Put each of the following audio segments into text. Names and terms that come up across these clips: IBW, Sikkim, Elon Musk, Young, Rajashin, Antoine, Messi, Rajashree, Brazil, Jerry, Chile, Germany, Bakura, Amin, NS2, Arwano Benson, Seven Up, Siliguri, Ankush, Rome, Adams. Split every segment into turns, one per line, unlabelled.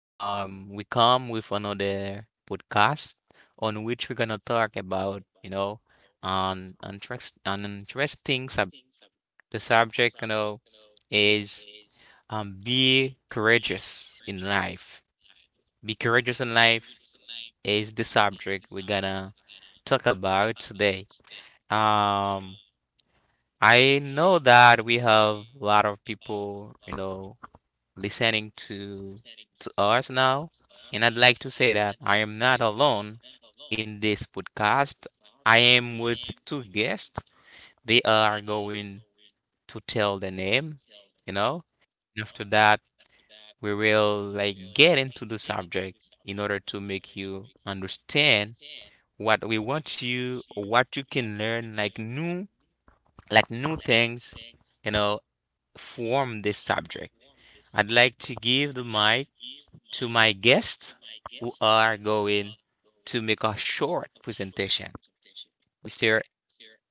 We come with another podcast on which we're gonna talk about, you know, an interesting sub. The subject, you know, is be courageous in life. Be courageous in life is the subject we're gonna talk about today. Um, I know that we have a lot of people, you know, listening to us now, and I'd like to say that I am not alone in this podcast. I am with two guests. They are going to tell the name, you know. And after that, we will like get into the subject in order to make you understand what we want you, what you can learn, like new things, you know, from this subject. I'd like to give the mic to my guests who are going to make a short presentation. Mr.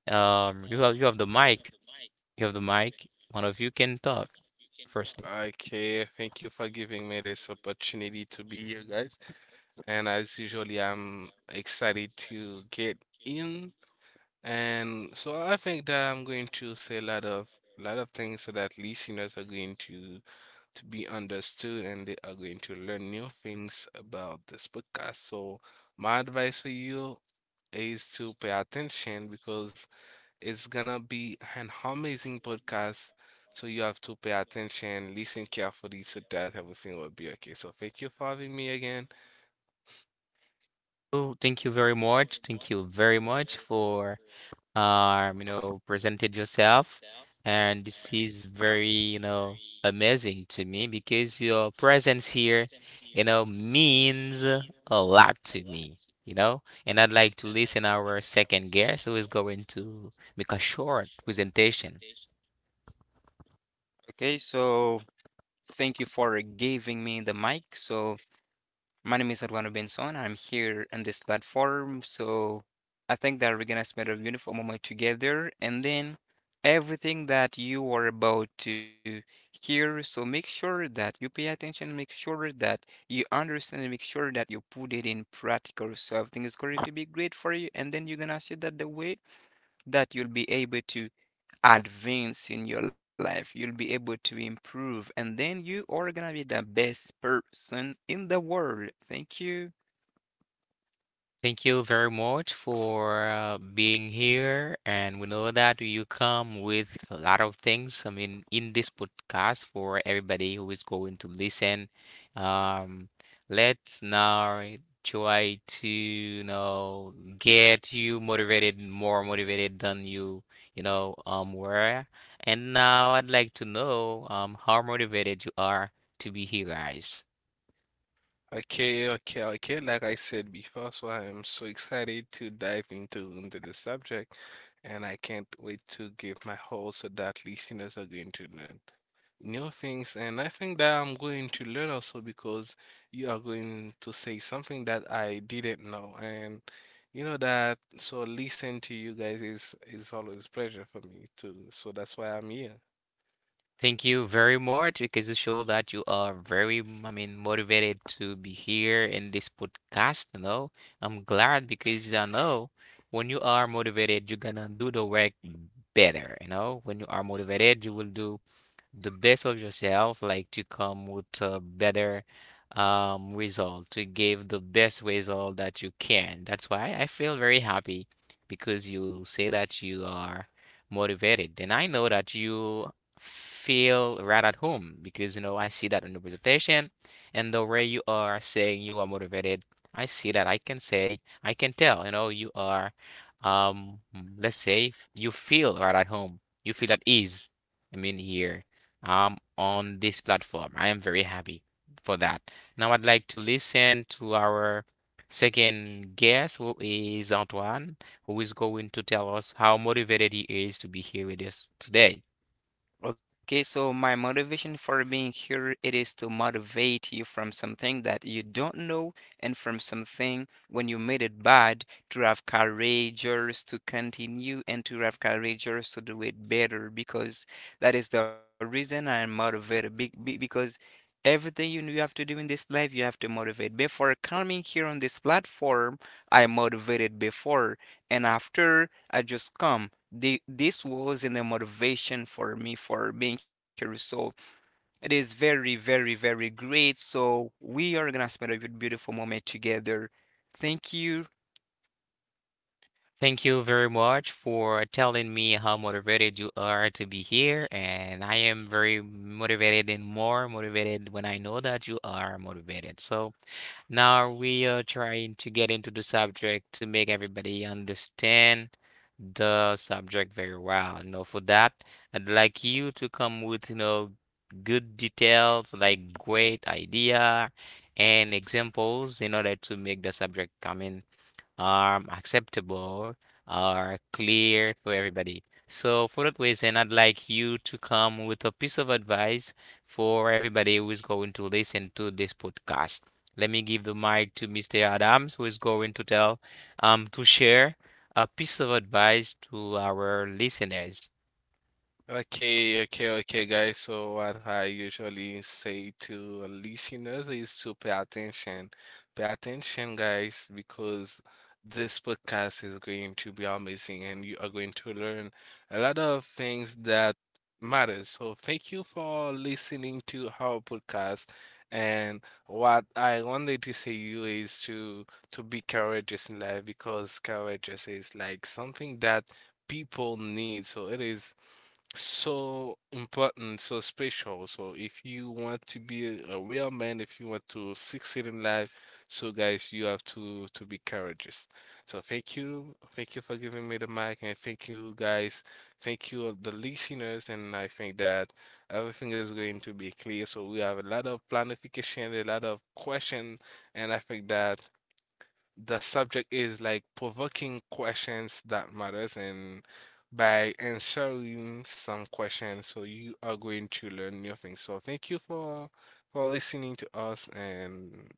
You have the mic. You have the mic. One of you can talk firstly.
Okay, thank you for giving me this opportunity to be here, guys. And as usually, I'm excited to get in. And so I think that I'm going to say a lot of things so that listeners are going to be understood and they are going to learn new things about this podcast. So my advice for you is to pay attention because it's gonna be an amazing podcast, so you have to pay attention, listen carefully, so that everything will be okay. So thank you for having me again.
Oh, thank you very much. Thank you very much for you know, presented yourself. And this is very, you know, amazing to me because your presence here, you know, means a lot to me, you know. And I'd like to listen our second guest who is going to make a short presentation.
Okay, so thank you for giving me the mic. So my name is Arwano Benson. I'm here on this platform. So I think that we're gonna spend a beautiful moment together, and then everything that you are about to hear. So make sure that you pay attention. Make sure that you understand, and make sure that you put it in practical. So everything is going to be great for you, and then you're gonna see that the way that you'll be able to advance in your life. You'll be able to improve, and then you are gonna be the best person in the world. Thank you.
Thank you very much for being here. And we know that you come with a lot of things. I mean, in this podcast for everybody who is going to listen. Um, let's now try to, you know, get you motivated, more motivated than you, you know, were. And now I'd like to know, how motivated you are to be here, guys.
Okay, okay, okay. Like I said before, so I am so excited to dive into the subject, and I can't wait to give my whole so that listeners are going to learn new things. And I think that I'm going to learn also because you are going to say something that I didn't know, and you know that. So listen to you guys is always pleasure for me too. So that's why I'm here.
Thank you very much because you show that you are very, I mean, motivated to be here in this podcast. You know, I'm glad because I know when you are motivated, you're gonna do the work better. You know, when you are motivated, you will do the best of yourself, like to come with a better result, to give the best result that you can. That's why I feel very happy because you say that you are motivated. And I know that you feel right at home because, you know, I see that in the presentation and the way you are saying you are motivated. I see that I can say, I can tell, you know, you are, um, let's say, you feel right at home. You feel at ease. I mean, here on this platform. I am very happy for that. Now I'd like to listen to our second guest, who is Antoine, who is going to tell us how motivated he is to be here with us today.
Okay, so my motivation for being here it is to motivate you from something that you don't know and from something when you made it bad to have courageous to continue and to have courageous to do it better, because that is the reason I am motivated because everything you know you have to do in this life you have to motivate. Before coming here on this platform, I motivated before, and after I just come this was in a motivation for me for being here. So it is very, very, very great. So we are gonna spend a good, beautiful moment together. Thank you.
Thank you very much for telling me how motivated you are to be here. And I am very motivated and more motivated when I know that you are motivated. So now we are trying to get into the subject to make everybody understand the subject very well. You know, for that, I'd like you to come with, you know, good details, like great idea and examples in order to make the subject come in are acceptable, or clear to everybody. So for that reason, I'd like you to come with a piece of advice for everybody who is going to listen to this podcast. Let me give the mic to Mr. Adams, who is going to tell, to share a piece of advice to our listeners.
Okay, okay, okay, guys. So what I usually say to listeners is to pay attention. Pay attention, guys, because this podcast is going to be amazing and you are going to learn a lot of things that matters. So thank you for listening to our podcast. And what I wanted to say you is to be courageous in life because courageous is like something that people need. So it is so important, so special. So if you want to be a real man, if you want to succeed in life, so guys, you have to be courageous. So thank you for giving me the mic, and thank you guys, thank you the listeners, and I think that everything is going to be clear. So we have a lot of planification, a lot of question, and I think that the subject is like provoking questions that matters, and by answering some questions, so you are going to learn new things. So thank you for listening to us, and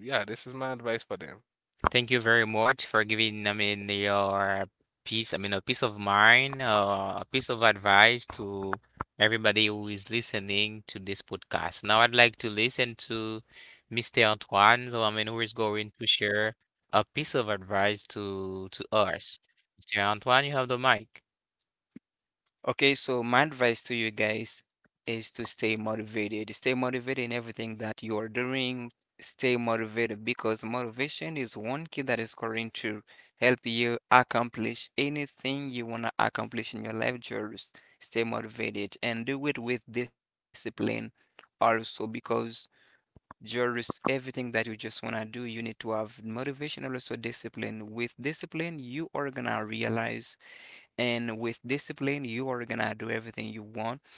yeah, this is my advice for them.
Thank you very much for giving, I mean, your peace, I mean, a piece of mind, a piece of advice to everybody who is listening to this podcast. Now, I'd like to listen to Mr. Antoine, so I mean, who is going to share a piece of advice to us. Mr. Antoine, you have the mic.
Okay, so my advice to you guys is to stay motivated. Stay motivated in everything that you are doing. Stay motivated because motivation is one key that is going to help you accomplish anything you want to accomplish in your life. Just stay motivated and do it with discipline also, because just everything that you just want to do, you need to have motivation and also discipline. With discipline, you are gonna realize, and with discipline you are gonna do everything you want,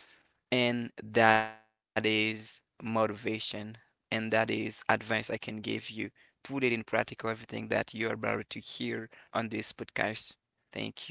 and that is motivation, and that is advice I can give you. Put it in practical everything that you are about to hear on this podcast. Thank you.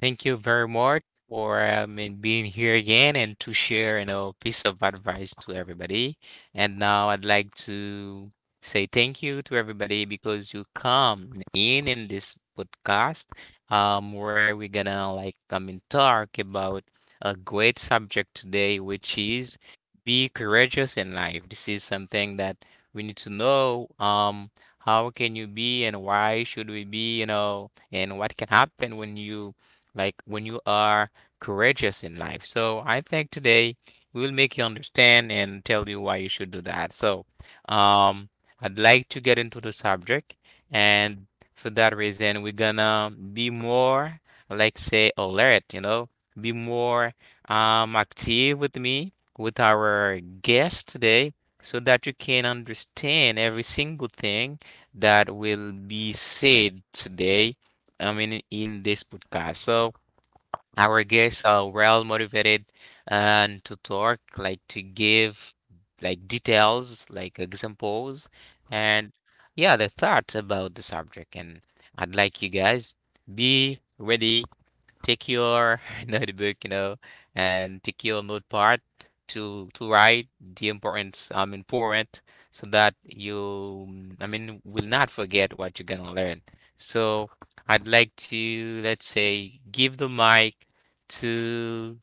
Thank you very much for and being here again and to share, you know, piece of advice to everybody. And now I'd like to say thank you to everybody because you come in this podcast, where we're gonna like come and talk about a great subject today, which is be courageous in life. This is something that we need to know. How can you be and why should we be, you know, and what can happen when you when you are courageous in life. So I think today we'll make you understand and tell you why you should do that. So um, I'd like to get into the subject, and for that reason, we're gonna be more, like say, alert, you know, be more active with me, with our guest today. So that you can understand every single thing that will be said today, I mean, in this podcast. So, our guests are well motivated and to talk, like to give like details, like examples, and yeah, the thoughts about the subject. And I'd like you guys be ready, take your notebook, you know, and take your notepad to write the important important, so that you I mean will not forget what you're gonna learn. So I'd like to let's say give the mic to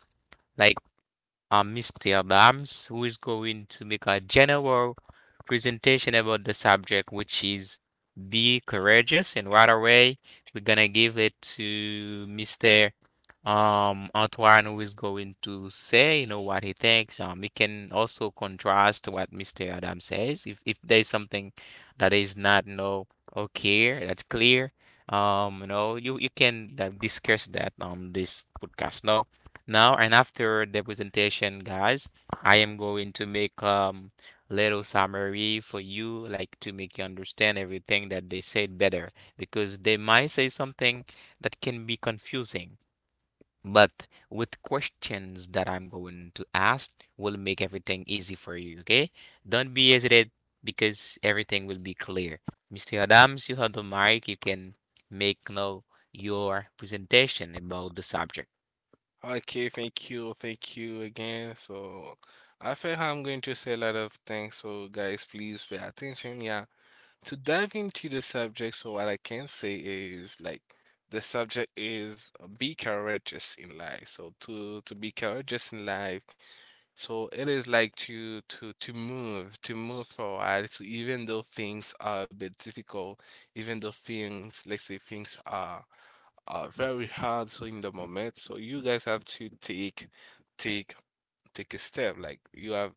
like Mr. Bams, who is going to make a general presentation about the subject, which is be courageous. And right away, we're gonna give it to Mr. Antoine, who is going to say, you know, what he thinks. We can also contrast what Mr. Adam says. If there's something that is not, you know, okay, that's clear. You know, you can discuss that on this podcast. Now. Now, and after the presentation, guys, I am going to make little summary for you, like to make you understand everything that they said better, because they might say something that can be confusing. But with questions that I'm going to ask will make everything easy for you, okay? Don't be hesitant because everything will be clear. Mr. Adams, you have the mic. You can make now your presentation about the subject.
Okay, thank you again. So, I think I'm going to say a lot of things. So, guys, please pay attention. Yeah, to dive into the subject. So, what I can say is like the subject is be courageous in life. So, to be courageous in life, so it is like to move, to move forward. So even though things are a bit difficult, even though things, let's say things are very hard so in the moment. So you guys have to take take a step. Like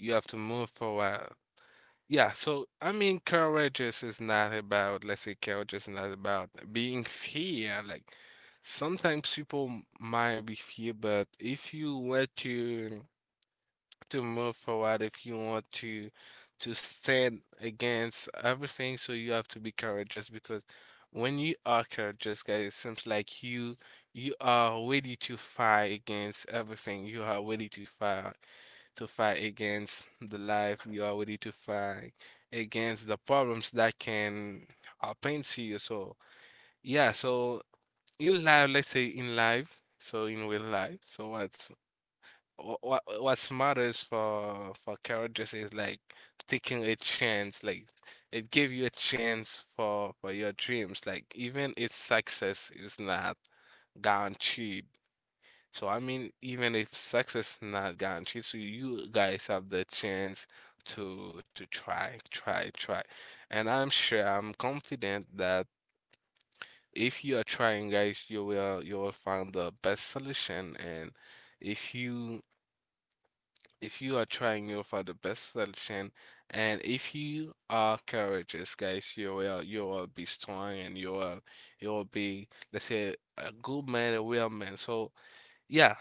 you have to move forward. Yeah, so I mean courageous is not about, let's say courage is not about being fear. Like sometimes people might be fear, but if you were to move forward, if you want to stand against everything, so you have to be courageous because when you are courageous, guys, it seems like you are ready to fight against everything. You are ready to fight against the life. You are ready to fight against the problems that can happen to you. So yeah, so in life, let's say in life, so in real life, so what matters for characters is like taking a chance, like it gave you a chance for your dreams, like even if success is not guaranteed. So I mean, even if success not guaranteed, so you guys have the chance to try. And I'm sure, I'm confident that if you are trying, guys, you will find the best solution. And if you are trying out for the best solution, and if you are courageous, guys, you will be strong, and you will be, let's say, a good man, a real man. So yeah,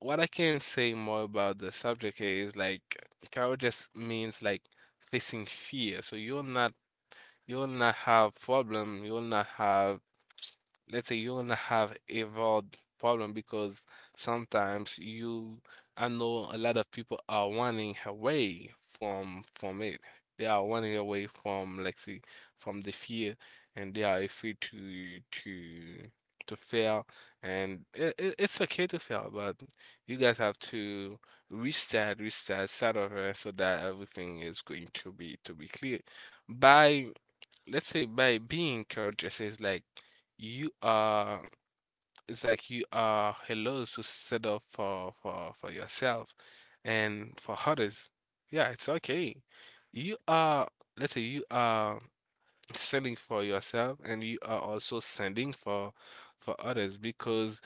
what I can say more about the subject is like courageous means like facing fear. So you're not, you will not have problem. You will not have, let's say, you will not have a valid problem because sometimes you, I know a lot of people are running away from it. They are running away from, let's say, from the fear, and they are afraid to fail. And it's okay to fail, but you guys have to start over, so that everything is going to be clear. By, let's say by being courageous is like you are it's like you are hello to set up for yourself and for others. Yeah, it's okay. You are, let's say, you are sending for yourself, and you are also sending for others because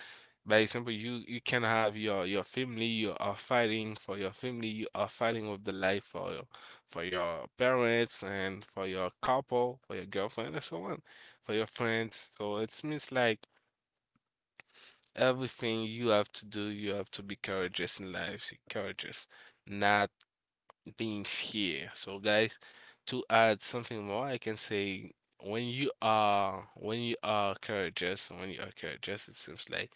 by example, you can have your family. You are fighting for your family. You are fighting with the life for your parents and for your couple, for your girlfriend and so on, for your friends. So it means like everything you have to do, you have to be courageous in life, courageous, not being here. So guys, to add something more, I can say when you are, when you are courageous, it seems like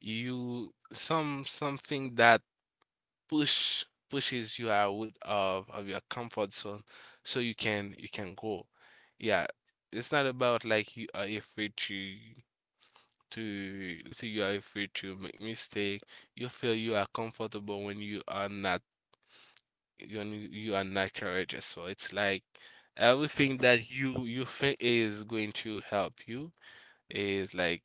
you some something that push pushes you out of, your comfort zone, so you can go. Yeah, it's not about like you are afraid to let's say you are afraid to make mistake. You feel you are comfortable when you and you are not courageous. So it's like everything that you think is going to help you is like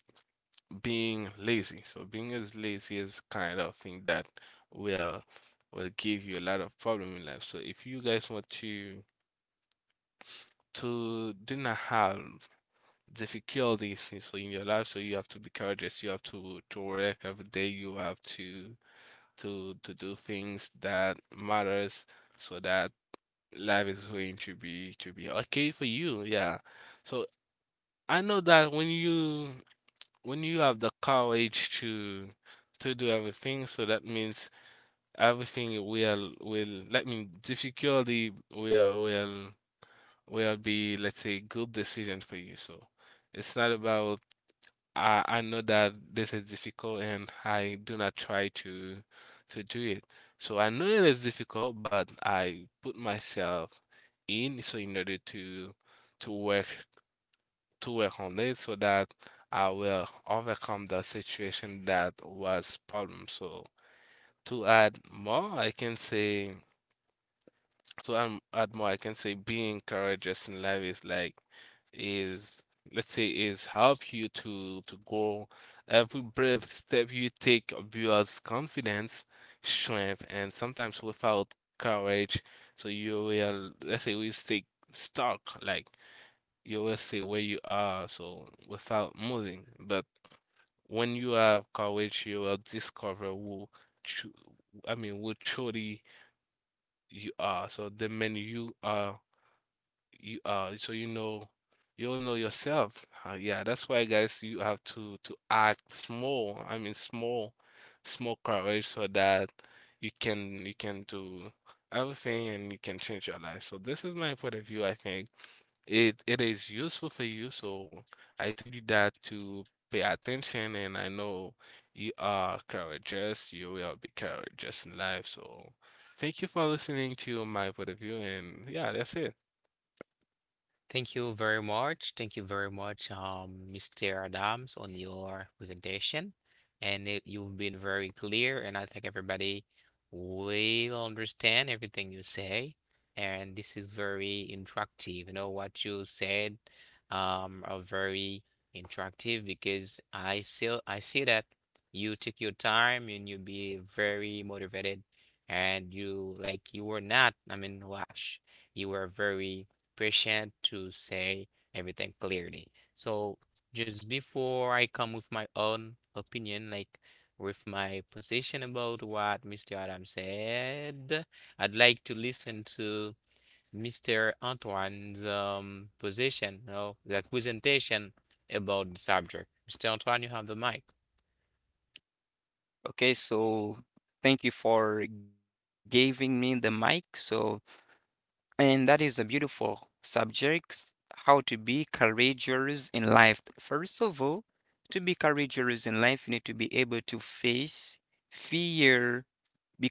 being lazy. So being as lazy is kind of thing that will will give you a lot of problem in life. So if you guys want to do not have difficulties in- so in your life, so you have to be courageous. You have to work every day. You have to do things that matters so that life is going to be okay for you. Yeah, so I know that when you have the courage to do everything, so that means everything will let me difficulty will be, let's say, good decision for you. So it's not about I know that this is difficult and I do not try to do it. So I know it is difficult, but I put myself in so in order to to work to work on it so that I will overcome the situation that was problem. So to add more, I can say to add, add more, I can say being courageous in life is like is let's say is help you to go. Every brave step you take builds confidence, strength, and sometimes without courage, so you will, let's say we stay stuck, like you will stay where you are, so without moving. But when you have courage, you will discover tru- I mean, who truly you are. So the man you are, you so you know, you'll know yourself yeah. That's why guys, you have to act small, I mean small, small courage so that you can do everything, and you can change your life. So this is my point of view. I think it is useful for you. So I told you that to pay attention, and I know you are courageous, you will be courageous in life. So thank you for listening to my point of view, and yeah, that's it.
Thank you very much. Thank you very much, Mr. Adams, on your presentation. And it, you've been very clear, and I think everybody will understand everything you say. And this is very interactive. You know, what you said, are very interactive because I see that you took your time and you be very motivated, and you like you were not, I mean, rush. You were very patient to say everything clearly. So just before I come with my own opinion, like with my position about what Mr. Adam said, I'd like to listen to Mr. Antoine's position, you know, the presentation about the subject. Mr. Antoine, you have the mic.
Okay, so thank you for giving me the mic. So, and that is a beautiful subject, how to be courageous in life. First of all, to be courageous in life, you need to be able to face fear,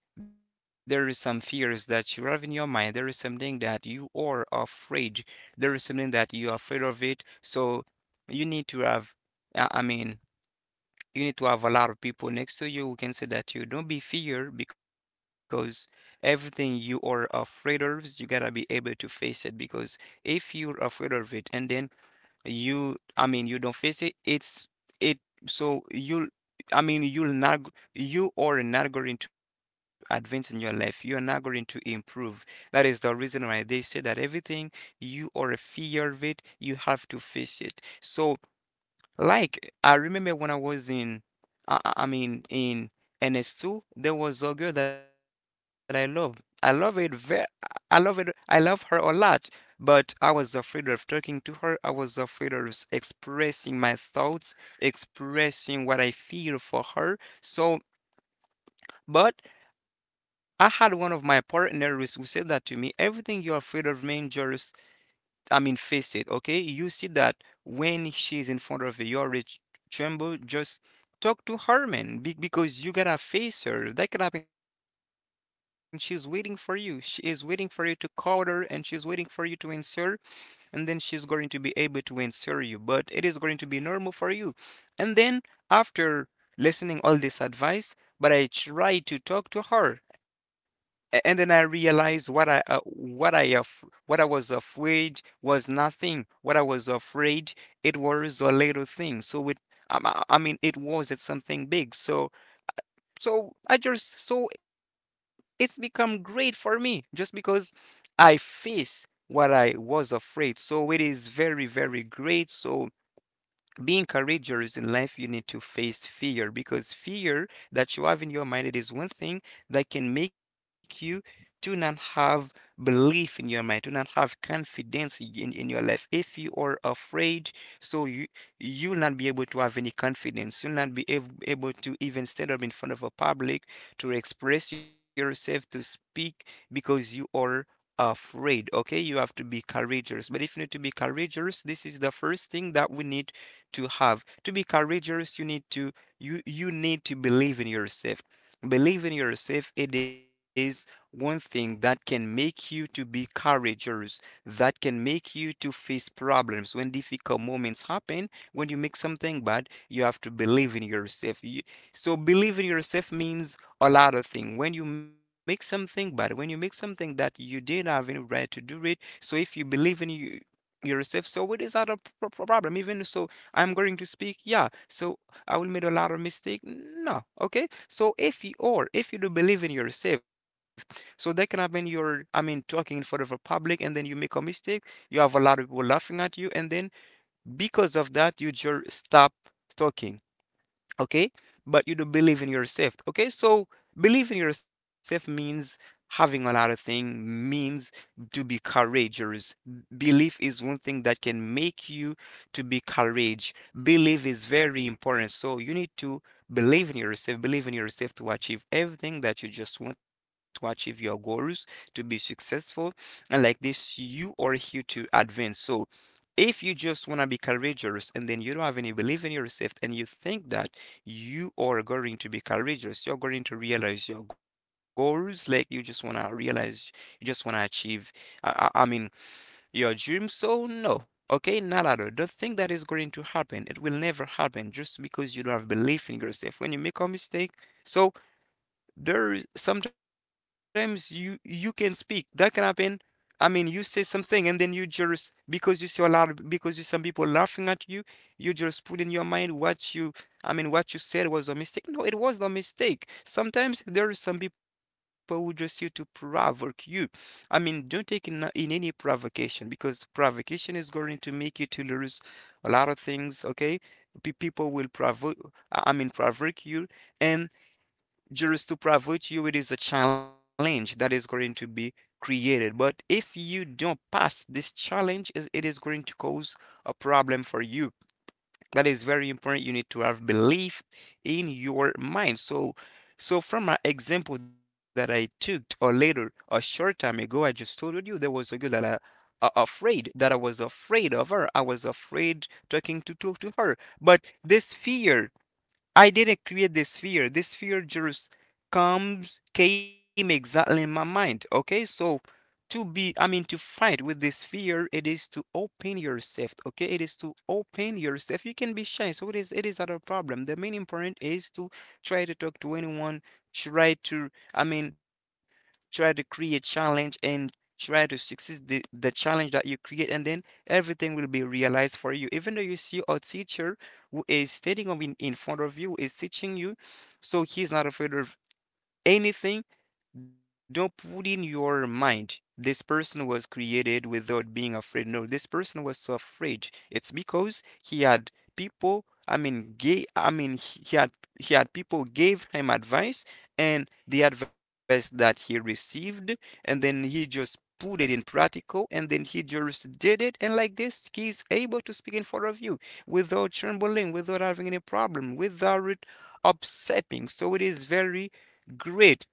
because there is some fears that you have in your mind. There is something that you are afraid. There is something that you are afraid of it. So you need to have, I mean, you need to have a lot of people next to you who can say that you don't be fear, because everything you are afraid of, you gotta be able to face it. Because if you're afraid of it, and then, you I mean you don't face it. It's it so, you'll I mean you'll not g- you are not going to advance in your life. You are not going to improve. That is the reason why they say that everything you are a fear of it, you have to face it. So, like, I remember when I was in, I mean, in NS2, there was a girl that I loved. I love it very, I love it. I love her a lot, but I was afraid of talking to her. I was afraid of expressing my thoughts, expressing what I feel for her. So, but I had one of my partners who said that to me, everything you're afraid of, man, just, I mean, face it, okay? You see that when she's in front of you, you already tremble. Just talk to her, man, because you gotta face her. That could happen. She's waiting for you. She is waiting for you to call her, and she's waiting for you to answer, and then she's going to be able to answer you, but it is going to be normal for you. And then, after listening all this advice, but I try to talk to her, and then I realized what I was afraid was nothing. What I was afraid, it was a little thing. So it, I mean, it wasn't something big. So I just, so it's become great for me, just because I face what I was afraid. So it is very, very great. So, being courageous in life, you need to face fear, because fear that you have in your mind, it is one thing that can make you to not have belief in your mind, to not have confidence in your life. If you are afraid, so you'll not be able to have any confidence. You'll not be able to even stand up in front of a public to express yourself, to speak, because you are afraid. Okay, you have to be courageous, but if you need to be courageous, this is the first thing that we need to have. To be courageous, you need to believe in yourself. Believe in yourself, it is one thing that can make you to be courageous, that can make you to face problems when difficult moments happen. When you make something bad, you have to believe in yourself. You, so believe in yourself means a lot of things. When you make something bad, when you make something that you didn't have any right to do it, so if you believe in yourself, so it is not a problem. Even so, I'm going to speak, yeah. So I will make a lot of mistake. No, okay. So, if you, or if you do believe in yourself, so that can happen. You're, I mean, talking in front of a public, and then you make a mistake. You have a lot of people laughing at you, and then, because of that, you just stop talking. Okay, but you do believe in yourself. Okay, so believe in yourself means having a lot of things, means to be courageous. Belief is one thing that can make you to be courage. Belief is very important, so you need to believe in yourself, believe in yourself to achieve everything that you just want to achieve, your goals, to be successful, and like this you are here to advance. So, if you just want to be courageous, and then you don't have any belief in yourself, and you think that you are going to be courageous. You're going to realize your goals. Like, you just want to realize, you just want to achieve, I mean, your dreams. So, no. Okay, not at all. Don't think that is going to happen. It will never happen, just because you don't have belief in yourself. When you make a mistake, so sometimes you can speak, that can happen. I mean, you say something, and then you just, because you see a lot of, because you, some people laughing at you, you just put in your mind, what you I mean what you said was a mistake. No, it was no mistake. Sometimes there is some people who just here to provoke you. I mean, don't take in any provocation, because provocation is going to make you to lose a lot of things, okay? People will provoke I mean provoke you, and just to private you, it is a challenge that is going to be created. But if you don't pass this challenge, it is going to cause a problem for you. That is very important. You need to have belief in your mind. So, so from an example that I took or later a short time ago, I just told you there was a girl that I was afraid of her. I was afraid talking to talk to her. But this fear, I didn't create this fear. This fear just comes came exactly in my mind. Okay, so to be, I mean, to fight with this fear, it is to open yourself. Okay, it is to open yourself. You can be shy, so it is. It is not a problem. The main important is to try to talk to anyone. Try to, I mean, try to create challenge, and try to succeed the challenge that you create, and then everything will be realized for you. Even though you see a teacher who is standing in front of you is teaching you, so he's not afraid of anything. Don't put in your mind, this person was created without being afraid. No, this person was so afraid. It's because he had people, I mean, gay, I mean, he had people gave him advice, and the advice that he received, and then he just put it in practical, and then he just did it, and like this he's able to speak in front of you without trembling, without having any problem, without it upsetting. So it is very great.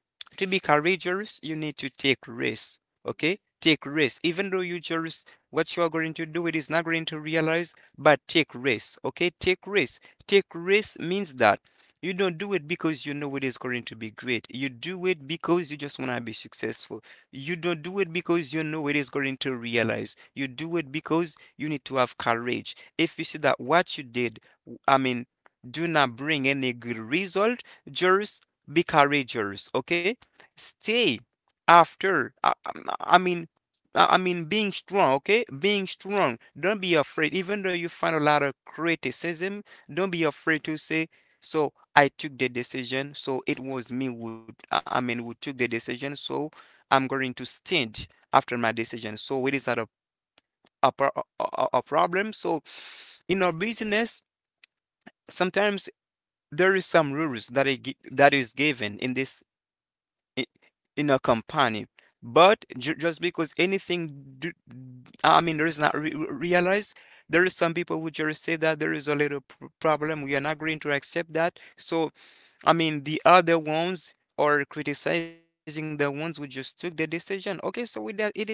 To be courageous you need to take risks. Okay, take risks. Even though you just what you are going to do it is not going to realize, but take risks. Okay, take risks. Take risks means that you don't do it because you know it is going to be great, you do it because you just want to be successful. You don't do it because you know it is going to realize, you do it because you need to have courage. If you see that what you did, i mean do not bring any good result, just be courageous. Okay, stay after I mean I being strong. Okay? Being strong. Don't be afraid. Even though you find a lot of criticism, don't be afraid to say, so I took the decision. So it was me who, who took the decision. So I'm going to stand after my decision. So it is not a problem. So in our business, sometimes there is some rules that that is given in this i- in a company. But just because anything do, I mean there is not realized, there is some people who just say that there is a little problem, we are not going to accept that. So I mean the other ones are criticizing the ones who just took the decision. Okay, so with that it is not a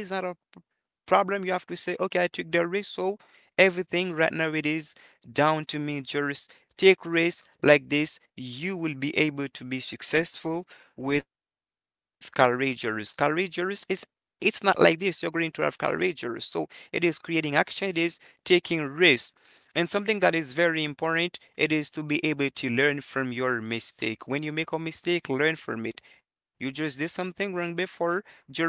problem. You have to say, okay, I took the risk, so everything right now it is down to me. Just take risks like this. You will be able to be successful with courageous. Courageous is it's not like this. You're going to have courageous. So it is creating action. It is taking risks. And something that is very important, it is to be able to learn from your mistake. When you make a mistake, learn from it. You just did something wrong before, just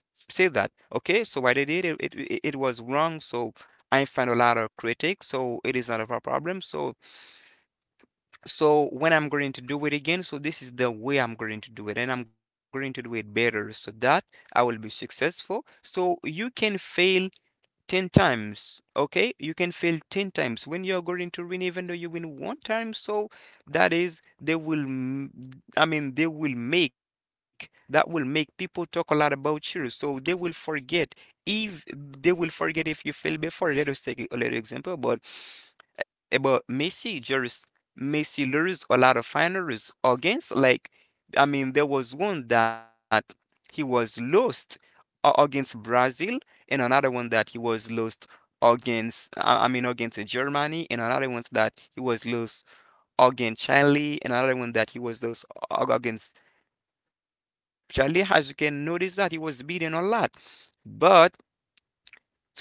say that okay so what I did it, was wrong. So I find a lot of critics, so it is not a problem. So when I'm going to do it again, so this is the way I'm going to do it, and I'm going to do it better so that I will be successful. So you can fail 10 times. Okay, you can fail 10 times. When you're going to win, even though you win one time, so that is they will, I mean they will make that will make people talk a lot about you. So they will forget, if they will forget if you fail before. Let us take a little example. But Eh, But Messi just Messi lose a lot of finals against like, I mean there was one that he was lost against Brazil, and another one that he was lost against, against Germany, and another one that he was lost against Chile, and another one that he was lost against Chile. As you can notice that he was beaten a lot, but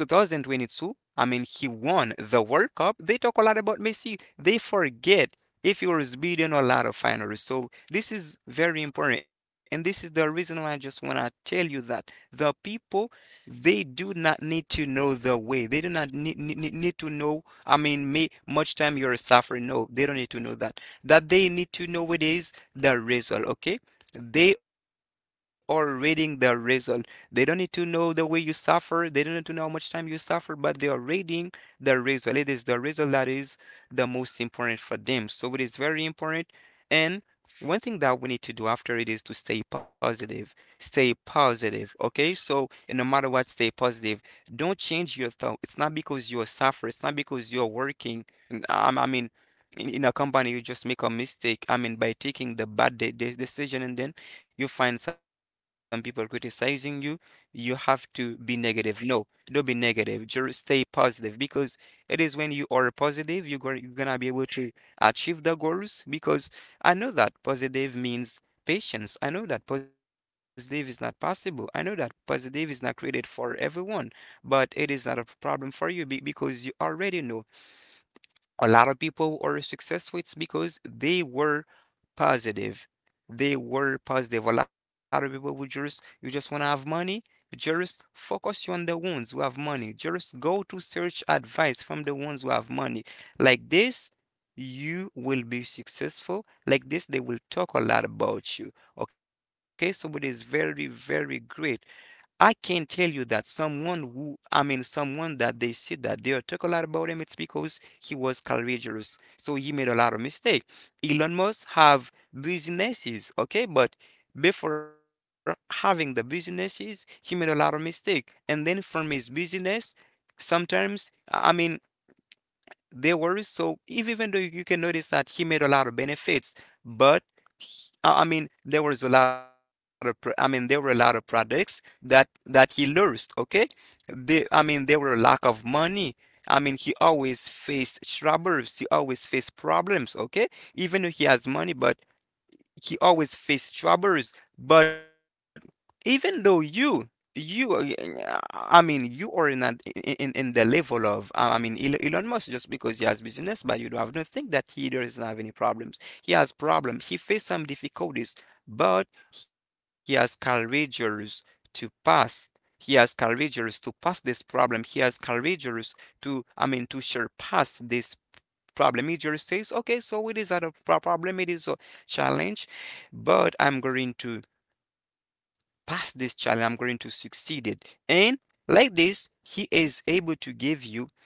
2022, I mean, he won the World Cup. They talk a lot about Messi. They forget if he was beating a lot of finalists. So this is very important. And this is the reason why I just want to tell you that the people, they do not need to know the way. They do not need to know, I mean, may, much time you're suffering. No, they don't need to know that. That they need to know it is the result, okay? They are reading the result. They don't need to know the way you suffer. They don't need to know how much time you suffer, but they are reading the result. It is the result that is the most important for them. So it is very important. And one thing that we need to do after it is to stay positive. Stay positive, okay? So no matter what, stay positive. Don't change your thought. It's not because you're suffering, it's not because you're working. I mean, in a company, you just make a mistake. I mean, by taking the bad decision, and then you find some people criticizing you, you have to be negative. No, don't be negative. Just stay positive, because it is when you are positive, you're gonna be able to achieve the goals. Because I know that positive means patience. I know that positive is not possible. I know that positive is not created for everyone, but it is not a problem for you because you already know a lot of people who are successful. It's because they were positive. They were positive. A lot of people would just, you just want to have money, just focus you on the ones who have money. Just go to search advice from the ones who have money. Like this, you will be successful. Like this, they will talk a lot about you. Okay, so it is very, very great. I can tell you that someone who, I mean, someone that they said that they'll talk a lot about him, it's because he was courageous. So he made a lot of mistake. Elon Musk have businesses, okay, but before having the businesses, he made a lot of mistake. And then from his business, sometimes, I mean, there were so if even though you can notice that he made a lot of benefits, but there was a lot of I mean there were a lot of products that that he lost. Okay, they I mean there were a lack of money. I mean he always faced troubles. He always faced problems. Okay, even though he has money, but he always faced troubles. But even though I mean, you are in that, in the level of, I mean, Elon Musk, just because he has business, but you don't have, don't think that he doesn't have any problems. He has problems. He faced some difficulties, but he has courageous to pass. He has courageous to pass this problem. He has courageous to, I mean, to surpass this problem. It just says okay, so it is not a problem, it is a challenge, but I'm going to pass this challenge, I'm going to succeed it. And like this he is able to give you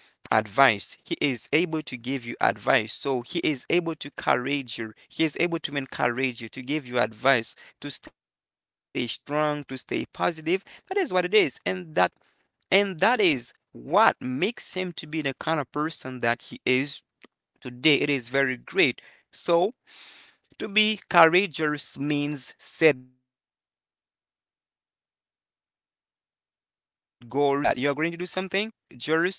advice. He is able to give you advice, so he is able to encourage you. He is able to encourage you, to give you advice, to stay strong, to stay positive. That is what it is, and that, and that is what makes him to be the kind of person that he is today. It is very great. So to be courageous means set goals and work for it. Okay? You just see that you're going to do something, just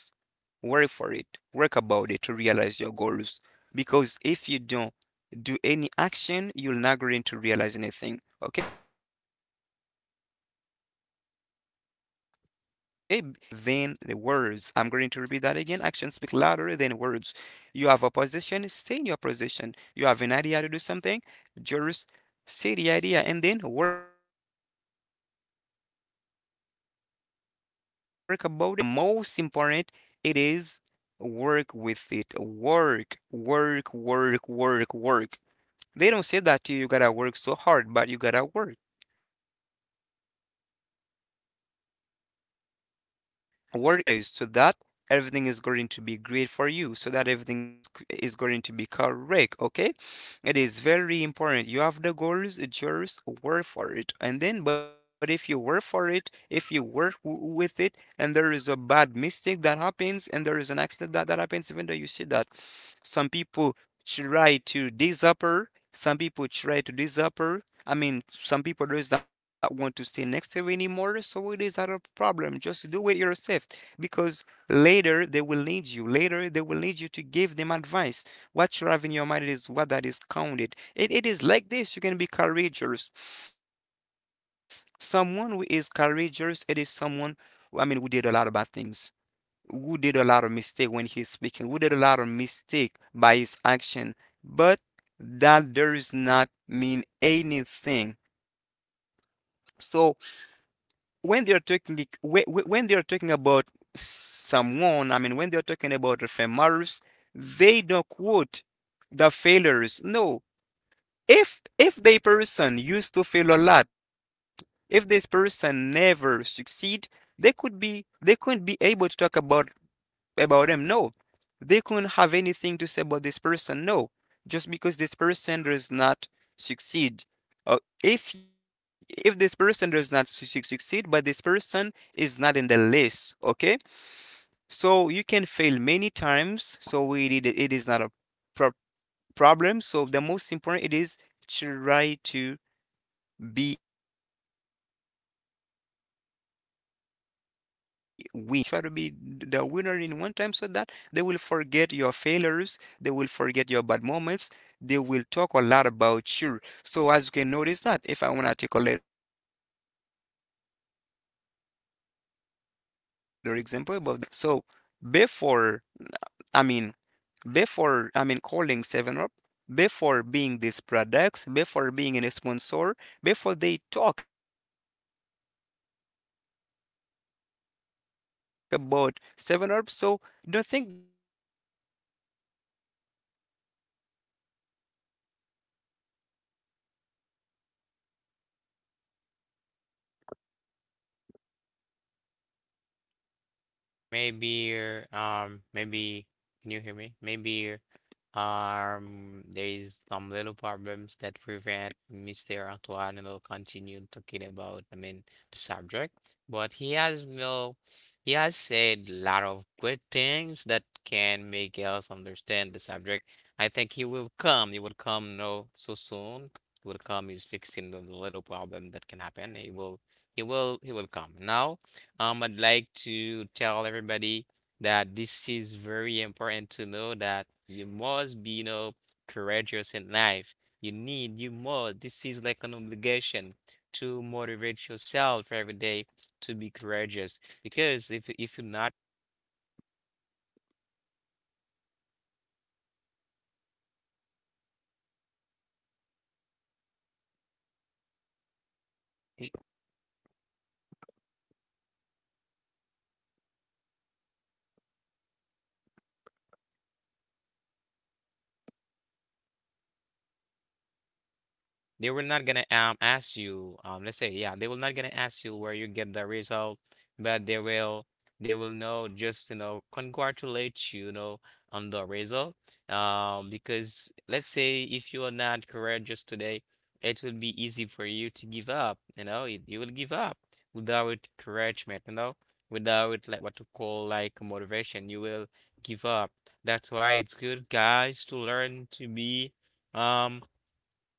work for it. Work about it to realize your goals. Because if you don't do any action, you're not going to realize anything. Okay? It is the reason they say that to you actions speak louder than the words. I'm going to repeat that again. Actions speak louder than words. You have a position, stay in your position. You have an idea to do something, just say the idea and then work about it. So they don't need to know the effort that you are going to make. The most important it is work with it. Work, work, work, work, work. They don't say that to you, you gotta work so hard, but you gotta work. Work intelligently. So that it they will realize, so that everything is going to be great for you, so that everything is going to be correct, okay? It is very important. You have the goals, just work for it. And then but if you work for it, if you work with it, and there is a bad mistake that happens, and there is an accident that happens, even though you see that some people try to this upper. Some people try to this upper. I mean, some people does not want to stay next to you anymore, so it is not a problem. Just do it yourself, because later they will need you. Later they will need you to give them advice. What you have in your mind is what that is counted. It is like this. You can be courageous. Someone who is courageous, it is someone, I mean, who did a lot of bad things, who did a lot of mistake when he's speaking, who did a lot of mistake by his action, but that does not mean anything. So when they're talking when they're talking about someone, I mean when they're talking about the famous, they don't quote the failures. No. If the person used to fail a lot, if this person never succeed, they couldn't be able to talk about him. No, they couldn't have anything to say about this person. No, just because this person does not succeed. If this person does not succeed, but this person is not in the list, okay? So you can fail many times. So it is not a pro- problem. So the most important it is try to be win. Try to be the winner in one times. Okay, you can fail a lot of times. Try to be the winner in one time so that they will forget your failures. They will forget your bad moments. They will talk a lot about you. So as you can notice that, if I want to take a later example about the principle of about the CEO of Seven Up. So before, I mean before, calling 7UP, before being these products, before being a sponsor, before they talk about 7UP. So don't think that 7UP wasn't built in 1 day. Okay? So they try to do it a lot of times. The first time they try to do it, so it was very, very, very bad. So nothing realized. hmm Nothing realized.
Maybe maybe can you hear me? Maybe there's some little problems that prevent Mr. Antoine will continue talking about I mean the subject. But he has no he has said lot of good things that can make us understand the subject. I think he will come. He will come no so soon. He will come. He's fixing the little problem that can happen. He will come. Now I'd like to tell everybody that this is very important to know that you must be, you know, courageous in life. You need, you must. This is like an obligation to motivate yourself every day to be courageous. Because if you're not, they will not gonna ask you let's say, yeah, they will not gonna ask you where you get the result, but they will know just you know congratulate you, you know on the result. Because let's say if you are not courageous today, it will be easy for you to give up. You know it, you will give up without encouragement. You know without like what to call like motivation, you will give up. That's why it's good guys to learn to be um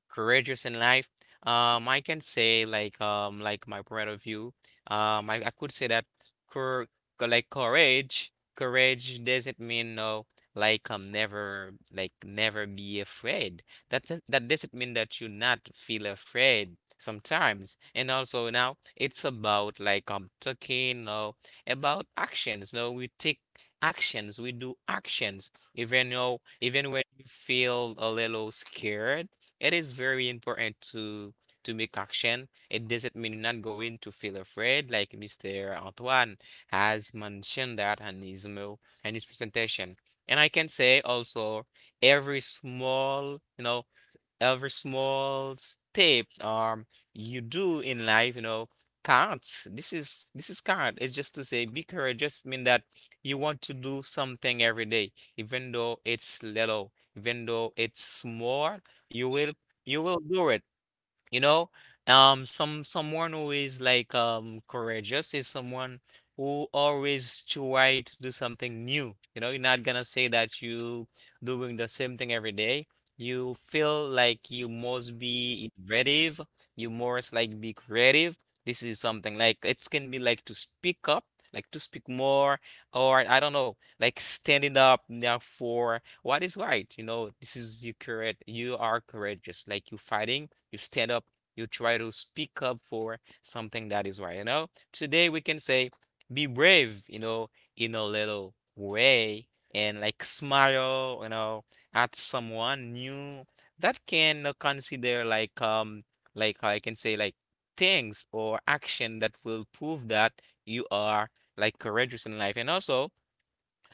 courageous in life. I can say like my point of view. I could say that cour courage doesn't mean no never be afraid. That doesn't mean that you not feel afraid sometimes. And also now it's about like talking no about actions. No, we take actions, we do actions even though even when you feel a little scared, it is very important to make action. It doesn't mean you're not going to feel afraid, like Mr. Antoine has mentioned that in his email and his presentation. And I can say also every small, you know, every small step you do in life, you know, counts. This is count. It's just to say be courageous just mean that you want to do something every day, even though it's little, even though it's small, you will you will do it. You know, someone who is like courageous is someone who always try to do something new. You know, you're not gonna say that you doing the same thing every day. You feel like you must be innovative. You must like be creative. This is something like it can be like to speak up, like to speak more, or I don't know, like standing up now for what is right. You know, this is you courage. You are courageous. Like you fighting you stand up, you try to speak up for something that is right, you know? Today we can say be brave, you know, in a little way and like smile, you know, at someone new that can consider like I can say like things or action that will prove that you are like courageous in life and also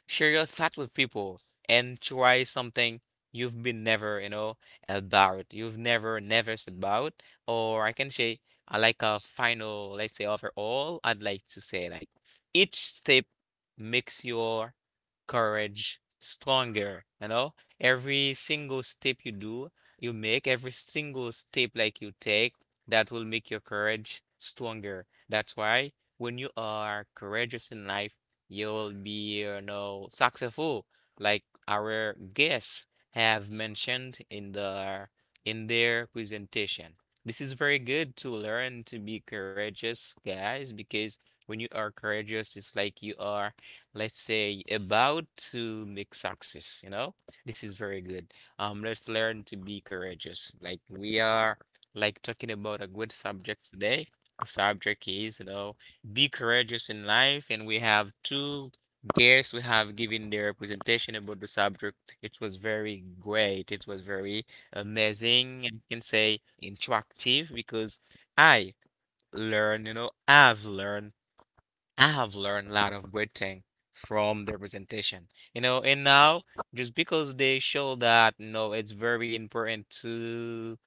share your thoughts with people and try something you've been never about. You've never, never s- about. Or I can say, I like a final, let's say overall, I'd like to say like each step makes your courage stronger, you know? Every single step you do, you make, every single step like you take, that will make your courage stronger. That's why when you are courageous in life, you will be, you know, successful, like our guests have mentioned in their presentation. This is very good to learn to be courageous, guys, because when you are courageous, it's like you are, let's say, about to make success, you know? This is very good. Let's learn to be courageous. Like we are like talking about a good subject today. The subject is, you know, Be Courageous in Life, and we have two guests who have given their presentation about the subject. It was very great. It was very amazing, and you can say interactive because I learn, you know, I've learned a lot of great things from the presentation. You know, and now just because they show that, no, it's very important to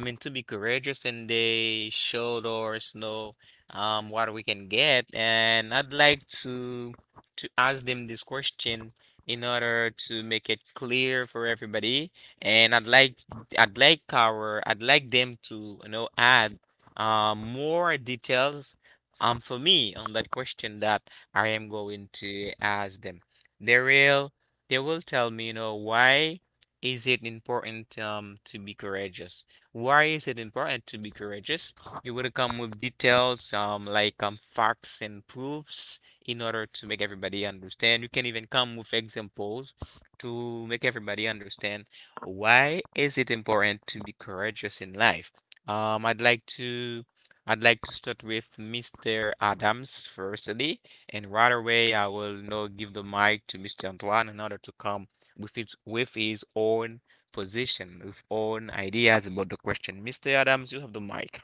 I mean, to be courageous and they showed us, know, what we can get. And I'd like to ask them this question in order to make it clear for everybody. And I'd like them to, you know, add more details for me on that question that I am going to ask them. They will they will tell me, you know, why is it important to be courageous? Why is it important to be courageous? You would come with details, like facts and proofs in order to make everybody understand. You can even come with examples to make everybody understand why is it important to be courageous in life. Um, I'd like to I'd like to start with Mr. Adams firstly, and right away I will now give the mic to Mr. Antoine in order to come with its with his own position with own ideas about the question. Mr. Adams, you have the mic.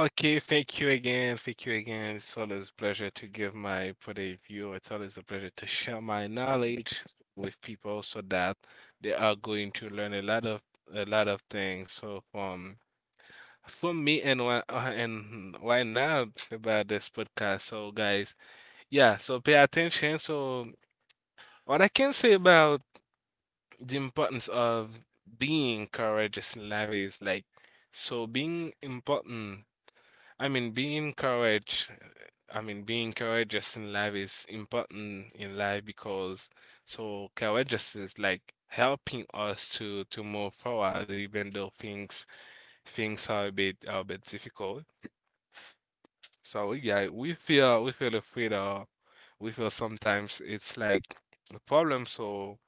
Okay, thank you again. Thank you again. It's always a pleasure to give my point of view. It's always a pleasure to share my knowledge with people so that they are going to learn a lot of things. So for me and why not about this podcast. So guys, yeah, so pay attention. So what I can say about the importance of being courageous in life is like so being important, I mean, being courage, I mean, being courageous in life is important in life because so courageous is like helping us to move forward, even though things are a bit difficult. So yeah, we feel afraid, or we feel sometimes it's like a problem. So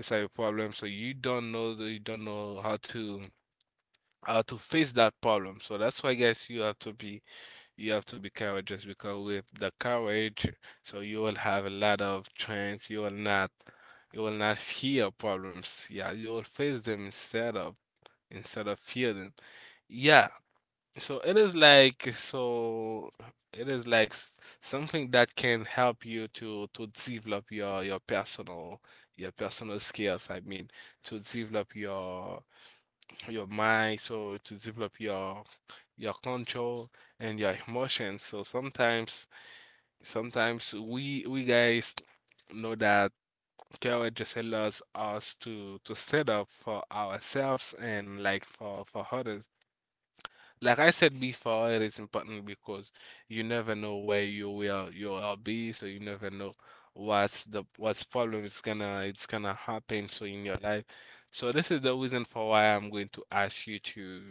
it's like a problem. So you don't know how to face that problem. So that's why guys, you have to be courageous because with the courage, so you will have a lot of strength. You will not fear problems. Yeah, you will face them instead of fear them. Yeah, so it is like so it is like something that can help you to develop your your personal skills. I mean, to develop your mind, so to develop your control and your emotions. So sometimes, sometimes we guys know that courage just allows us to stand up for ourselves and like for others. Like I said before, it is important because you never know where you will be, so you never know what's problem it's gonna happen so in your life. So this is the reason for why I'm going to ask you to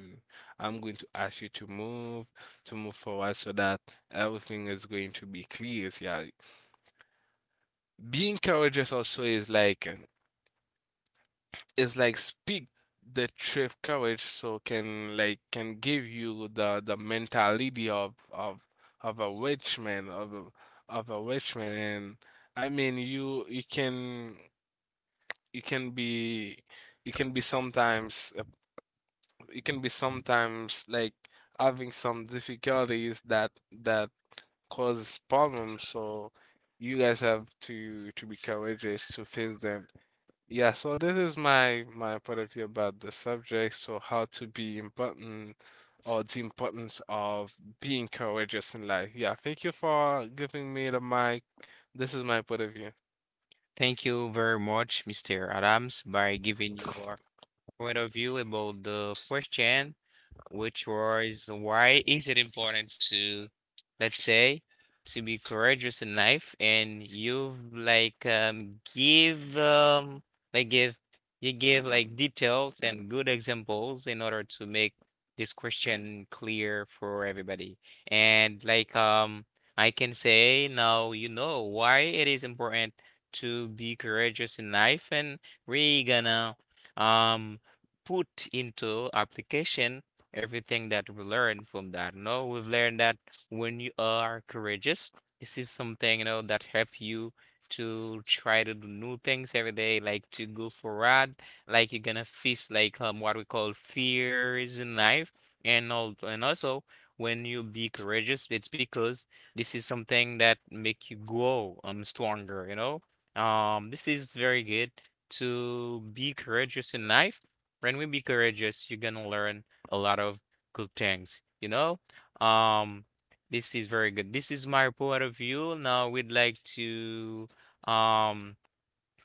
move forward so that everything is going to be clear. Yeah. Being courageous also is like speak the truth. Courage so can like can give you the mentality of a rich man, of of a rich man. And I mean you can, you can be, you can be sometimes you can be sometimes like having some difficulties that causes problems. So you guys have to be courageous to face them. Yeah, so this is my point of view about the subject. So how to be important, or the importance of being courageous in life. Yeah, thank you for giving me the mic. This is my point of view.
Thank you very much, Mr. Adams, by giving your point of view about the question, which was why is it important to, let's say, to be courageous in life and you've like give like give you give like details and good examples in order to make this question clear for everybody. And like I can say now you know why it is important to be courageous in life and we're gonna um put into application everything that we learned from that. You know, we've learned that when you are courageous, this is something, you know, that help you to try to do new things every day, like to go for ride, like you're gonna face like what we call fears in life, and all, and also when you be courageous, it's because this is something that make you grow stronger, you know. This is very good to be courageous in life. When we be courageous, you're gonna learn a lot of good things, you know? Um, this is very good. This is my point of view. Now we'd like to um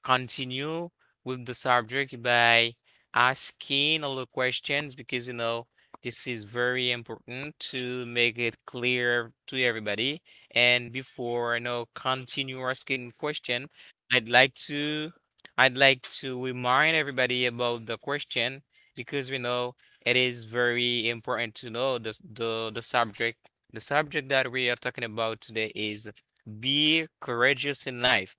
continue with the subject by asking all the questions because you know this is very important to make it clear to everybody. And before I you know continue asking question, I'd like to I'd like to remind everybody about the question because we know it is very important to know the subject. The subject that we are talking about today is be courageous in life,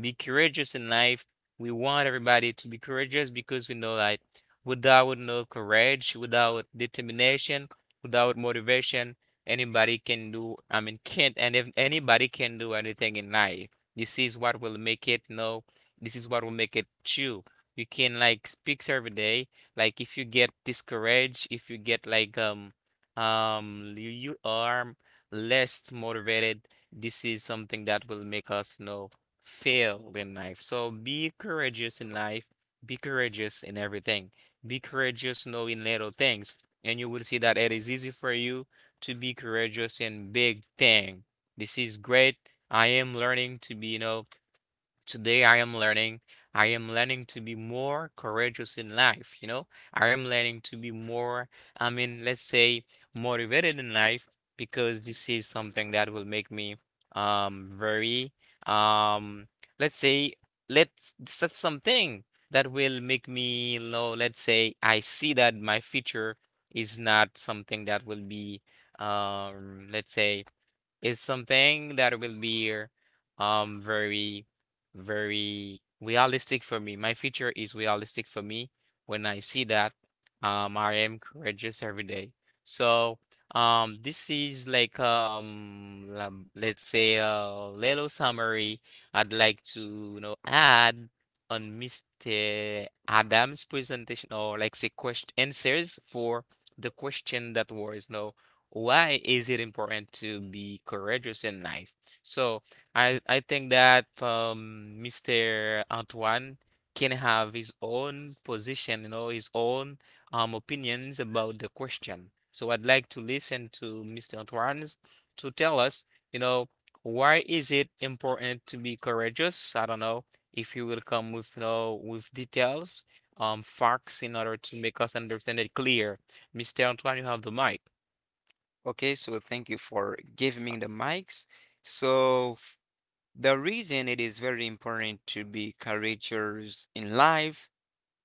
be courageous in life. We want everybody to be courageous because we know that without no courage, without determination, without motivation, anybody can do, I mean, can't, and if anybody can do anything in life, this is what will make it, no, this is what will make it true. You can like speak every day. Like if you get discouraged, if you get like you are less motivated, this is something that will make us know fail in life. So be courageous in life, be courageous in everything, be courageous knowing little things, and you will see that it is easy for you to be courageous in big thing. This is great. I am learning to be, you know, today I am learning. I am learning to be more courageous in life, you know? I am learning to be more, I mean, let's say motivated in life because this is something that will make me very um let's say let's set something that will make me you know, let's say I see that my future is not something that will be let's say is something that will be very very realistic for me. My future is realistic for me. When I see that, I am courageous every day. So, this is like let's say a little summary I'd like to you know add on Mr. Adam's presentation or like say question answers for the question that was no why is it important to be courageous in life? So I think that Mr. Antoine can have his own position, you know, his own opinions about the question. So I'd like to listen to Mr. Antoine's to tell us, you know, why is it important to be courageous? I don't know if you will come with, you know, with details, facts in order to make us understand it clear. Mr. Antoine, you have the mic.
Okay, so thank you for giving me the mics. So the reason it is very important to be courageous in life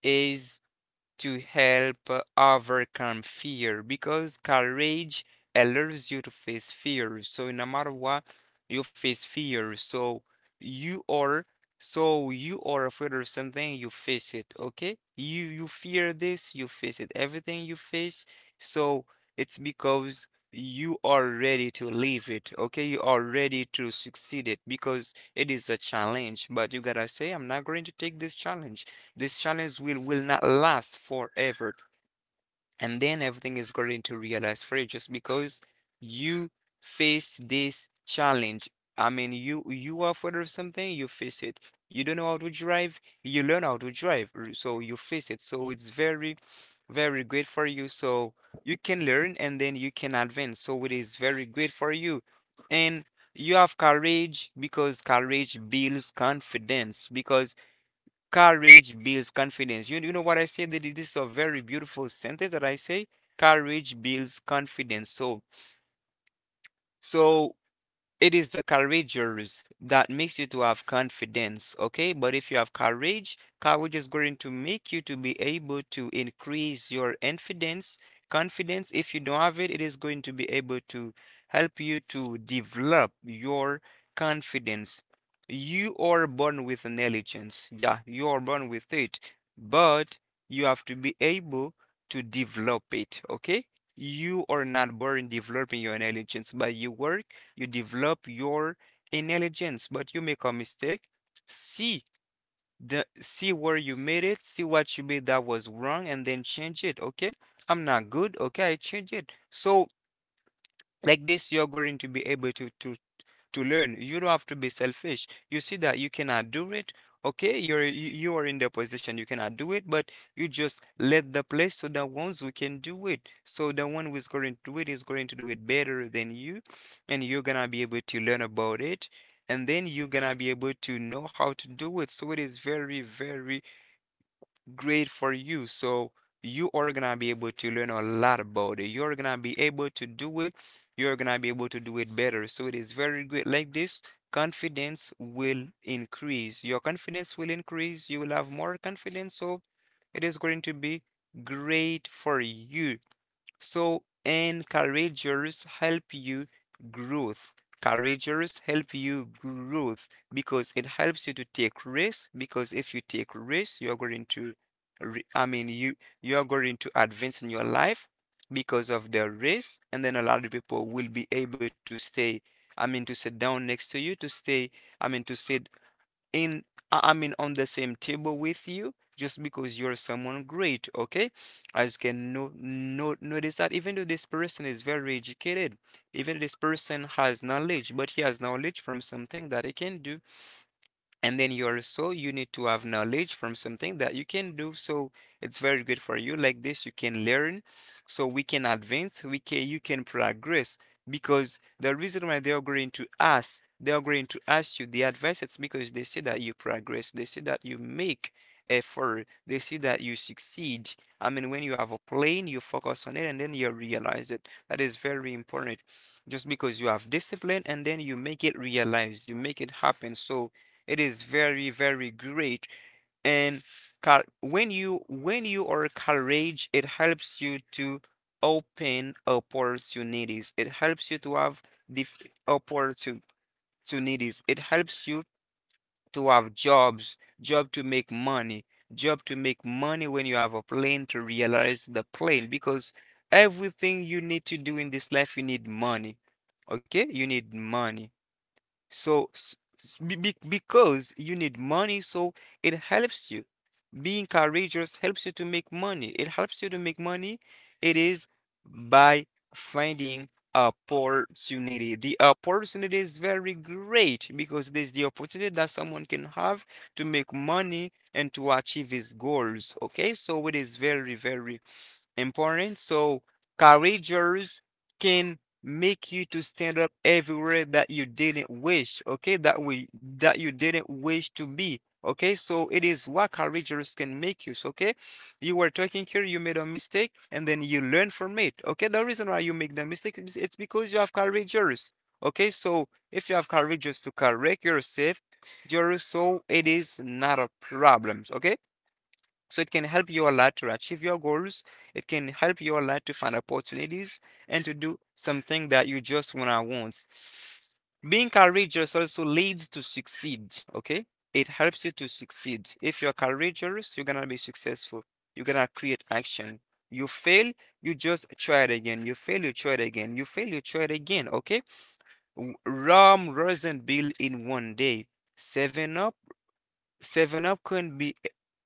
is to help overcome fear because courage allows you to face fear. So no matter what, you face fear. You are so you are afraid of something, you face it, okay? You fear this, you face it. Everything you face, so it's because you are ready to leave it, okay? You are ready to succeed it because it is a challenge, but you gotta say, I'm not going to take this challenge. This challenge will not last forever. And then everything is going to realize for you just because you face this challenge. I mean, you are afraid of something, you face it. You don't know how to drive, you learn how to drive. So you face it. So it's very, very great for you. So you can learn and then you can advance. So it is very great for you. And you have courage because courage builds confidence because courage builds confidence. You know what I said? This is a very beautiful sentence that I say. Courage builds confidence. So, it is the courageous that makes you to have confidence, okay? But if you have courage, courage is going to make you to be able to increase your confidence. Confidence, if you don't have it, it is going to be able to help you to develop your confidence. You are born with intelligence. Yeah, you are born with it, but you have to be able to develop it, okay? You are not born developing your intelligence, but you work, you develop your intelligence, but you make a mistake. See See where you made it, see what you made that was wrong, and then change it. Okay, I'm not good. Okay, I change it. So like this, you're going to be able to to learn. You don't have to be selfish. You see that you cannot do it. Okay, you you are in the position you cannot do it, but you just let the place so that ones who can do it. So the one who is going to do it is going to do it better than you, and you're gonna be able to learn about it, and then you're gonna be able to know how to do it. So it is very, very great for you. So you are gonna be able to learn a lot about it. You're gonna be able to do it. You're gonna be able to do it better. So it is very great. Like this, confidence will increase. Your confidence will increase. You will have more confidence. So it is going to be great for you. So, and courageous help you growth. Courageous help you growth because it helps you to take risks. Because if you take risks, you you are going to advance in your life because of the risk, and then a lot of people will be able to stay. I mean, to sit down next to you, to stay. I mean, to sit in I mean on the same table with you just because you're someone great, okay? As you can no, no, notice that even though this person is very educated, even this person has knowledge, but he has knowledge from something that he can do, and then you also you need to have knowledge from something that you can do. So it's very good for you. Like this you can learn, so we can advance, we can, you can progress, because the reason why they are going to ask you the advice, it's because they see that you progress, they see that you make effort, they see that you succeed. I mean, when you have a plan you focus on it and then you realize it, that is very important, just because you have discipline and then you make it realize, you make it happen. So it is very, very great. And when you are courage, it helps you to open opportunities. It helps you to have the opportunities. It helps you to have jobs, job to make money, job to make money when you have a plan to realize the plan, because everything you need to do in this life you need money. Okay? You need money. So, because you need money, so it helps you. Being courageous helps you to make money. It helps you to make money. It is by finding opportunity. The opportunity is very great because there's the opportunity that someone can have to make money and to achieve his goals. Okay, so it is very, very important. So courageous can make you to stand up everywhere that you didn't wish, okay? That you didn't wish to be. Okay, so it is what courageous can make you. So, okay, you were talking here, you made a mistake, and then you learn from it. Okay, the reason why you make the mistake is it's because you have courageous. Okay, so if you have courageous to correct yourself, Jerry, so it is not a problem. Okay, so it can help you a lot to achieve your goals. It can help you a lot to find opportunities and to do something that you just wanna want. Being courageous also leads to succeed, okay? It helps you to succeed. If you're courageous, you're gonna be successful. You're gonna create action. You fail, you just try it again. You fail, you try it again. You fail, you try it again, okay? Rome wasn't built in 1 day. Seven Up Seven Up couldn't be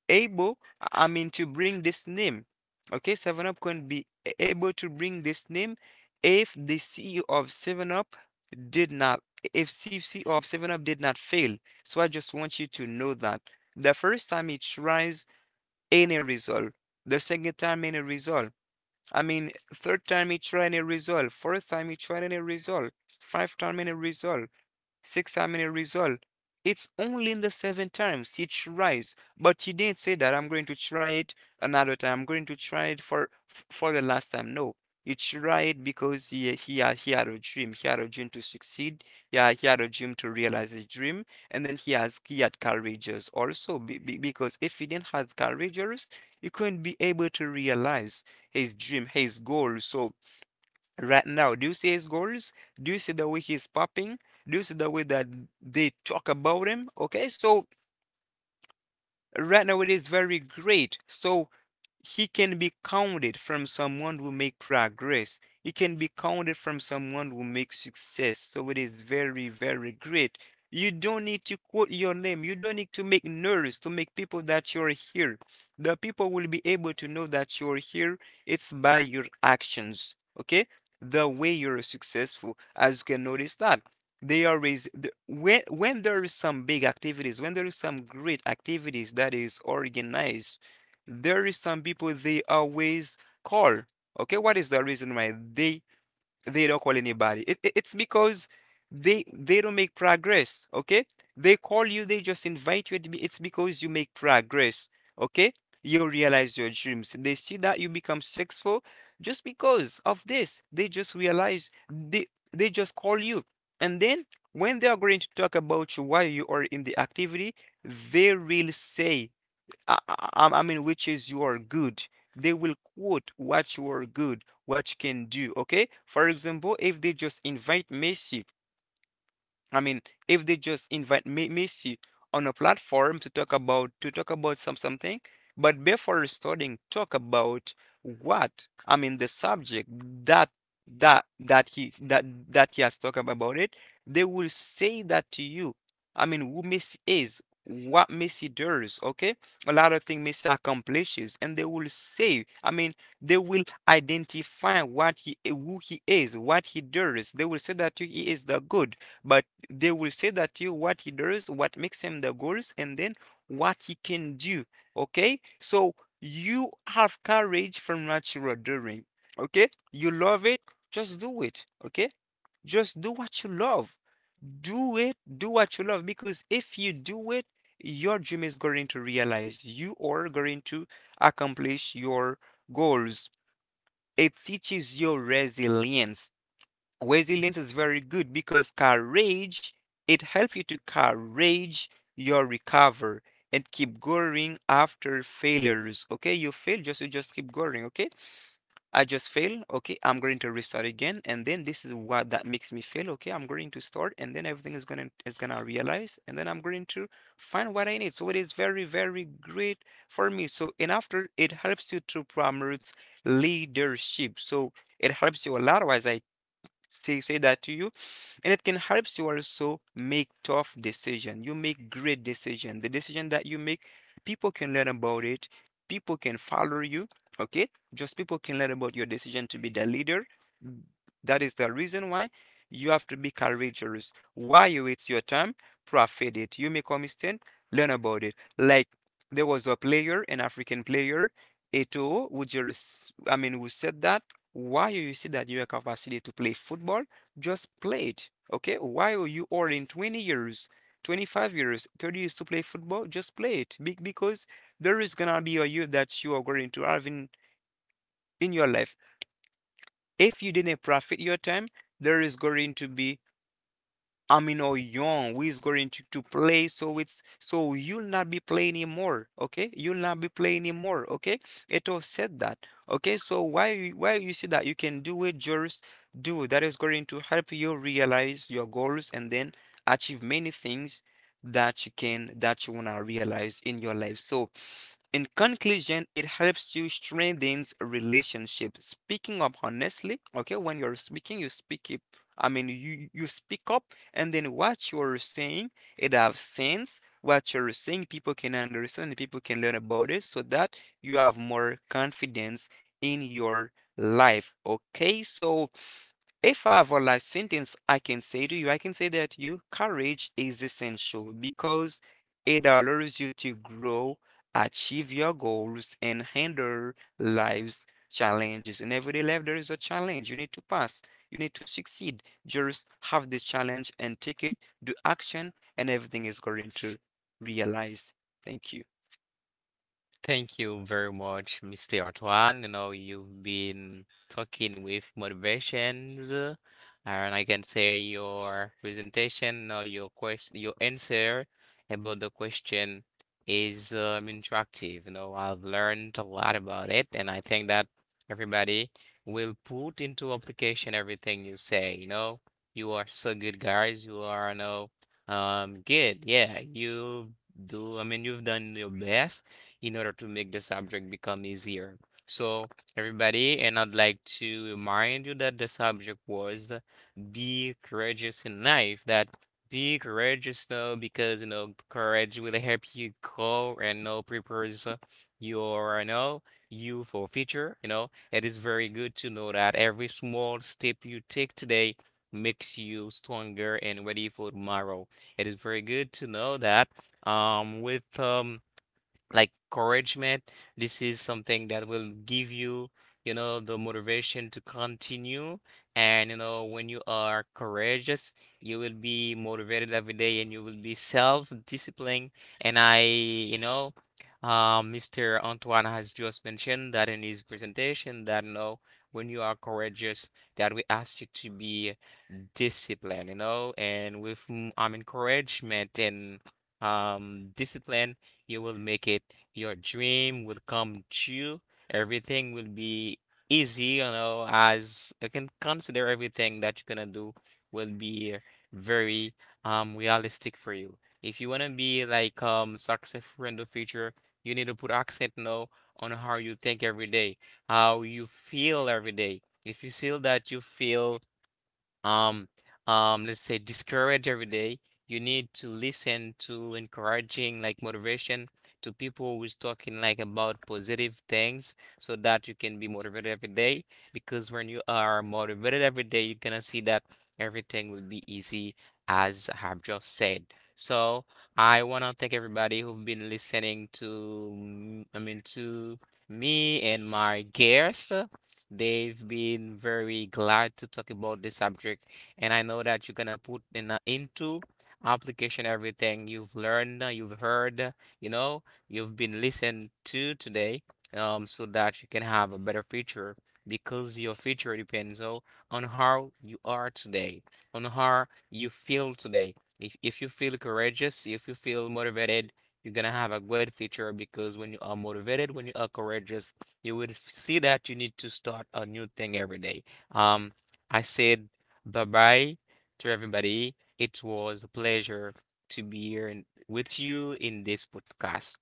able, I mean, to bring this name. Okay, Seven Up couldn't be able to bring this name if the CEO of Seven Up did not, if CEO of Seven Up did not fail. So I just want you to know that the first time it tries any result, the second time any result. I mean, third time he tried any result, fourth time he tried any result, fifth time any result. Six examiner result. It's only in the seven times he tries, but he didn't say that I'm going to try it another time. I'm going to try it for the last time. No, he tried because he had a dream. He had a dream to succeed. Yeah, he had a dream to realize his dream, and then he had courageous also because if he didn't have courageous, he couldn't be able to realize his dream, his goal. So right now. Do you see his goals? Do you see the way he's popping? Do you see the way that they talk about him? Okay, so right now it is very great. So he can be counted from someone who make progress. He can be counted from someone who makes success. So it is very, very great. You don't need to quote your name. You don't need to make noise to make people that you're here. The people will be able to know that you're here. It's by your actions. Okay? The way you're successful. As you can notice that. They always the, when there is some big activities, when there is some great activities that is organized, there is some people they always call. Okay, what is the reason why they don't call anybody? It's because they don't make progress. Okay, they call you, they just invite you. It's because you make progress. Okay, you realize your dreams. They see that you become successful just because of this. They just realize they just call you, and then when they are going to talk about you why you are in the activity, they will say I mean, which is you are good. They will quote what you are good, what you can do. Okay. For example, if they just invite Messi I mean, if they just invite me Messi on a platform to talk about something, but before starting, talk about what? I mean, the subject that that that he has talked about it. They will say that to you. I mean, who Messi is, what Messi does. Okay, a lot of things Messi accomplishes, and they will say. I mean, they will identify what he who he is, what he does. They will say that to you, he is the good, but they will say that you what he does, what makes him the goals, and then what he can do. Okay, so you have courage from what you are doing. Okay, you love it, just do it. Okay, just do what you love. Do it, do what you love, because if you do it, your dream is going to realize. You are going to accomplish your goals. It teaches you resilience. Resilience is very good because courage, it helps you to courage your recover and keep going after failures. Okay, you fail, just you just keep going. Okay, I just fail. Okay, I'm going to restart again, and then this is what that makes me fail. Okay, I'm going to start, and then everything is gonna realize, and then I'm going to find what I need. So it is very very great for me. So and after it helps you to promote leadership. So it helps you a lot, as I say that to you. And it can help you also make tough decision, you make great decision, the decision that you make people can learn about it, people can follow you. Okay, just people can learn about your decision to be the leader. Mm, that is the reason why you have to be courageous. Why you, it's your time, profit it. You make a mistake, learn about it. Like, there was a player, an African player, Et, I mean, who said that? Why you see that you have capacity to play football? Just play it, okay? Why are you or in 20 years, 25 years, 30 years to play football? Just play it. Because there is gonna be a year that you are going to have in your life. If you didn't profit your time, there is going to be Amin or Young, who is going to play. So you'll not be playing anymore. Okay, you'll not be playing anymore. Okay, it all said that. Okay, so why you see that you can do it, just do that is going to help you realize your goals and then achieve many things that you can that you wanna realize in your life. So in conclusion, it helps you strengthens relationship. Speaking up honestly, okay, when you're speaking, you speak up. I mean, you speak up and then what you're saying, it have sense. What you're saying, people can understand, people can learn about it, so that you have more confidence in your life. Okay, so if I have a last sentence I can say to you, I can say that you courage is essential because it allows you to grow, achieve your goals, and handle life's challenges. In everyday life, there is a challenge you need to pass, you need to succeed. Just have this challenge and take it, do action, and everything is going to realize. Thank you.
Thank you very much, Mr. Antoine. You know, you've been talking with motivations, and I can say your presentation or your question, your answer about the question is interactive. You know, I've learned a lot about it, and I think that everybody will put into application everything you say. You know, you are so good, guys. You are, you know, good. Yeah, you do. I mean, you've done your best in order to make the subject become easier. So, everybody, and I'd like to remind you that the subject was Be Courageous in Life. That be courageous, though, because you know, courage will help you grow and you know, prepares your you know, you for future. You know, it is very good to know that every small step you take today makes you stronger and ready for tomorrow. It is very good to know that with like encouragement. This is something that will give you, you know, the motivation to continue. And, you know, when you are courageous, you will be motivated every day and you will be self-disciplined. And I, you know, Mr. Antoine has just mentioned that in his presentation that, you know, when you are courageous, that we ask you to be discipline, you know, and with encouragement and discipline, you will make it. Your dream will come true. Everything will be easy, you know, as you can consider everything that you're gonna do will be very realistic for you. If you wanna be like successful in the future, you need to put accent now on how you think every day, how you feel every day. If you feel that you feel um let's say discouraged every day, you need to listen to encouraging like motivation to people who's talking like about positive things so that you can be motivated every day because when you are motivated every day you're gonna see that everything will be easy as I've just said. So I want to thank everybody who've been listening to I mean to me and my guest. They've been very glad to talk about this subject, and I know that you're gonna put in into application everything you've learned, you've heard, you know, you've been listened to today, so that you can have a better future because your future depends on how you are today, on how you feel today. If you feel courageous, if you feel motivated, you're gonna have a great future because when you are motivated, when you are courageous you will see that you need to start a new thing every day. Um, I said bye bye to everybody. It was a pleasure to be here in- with you in this podcast.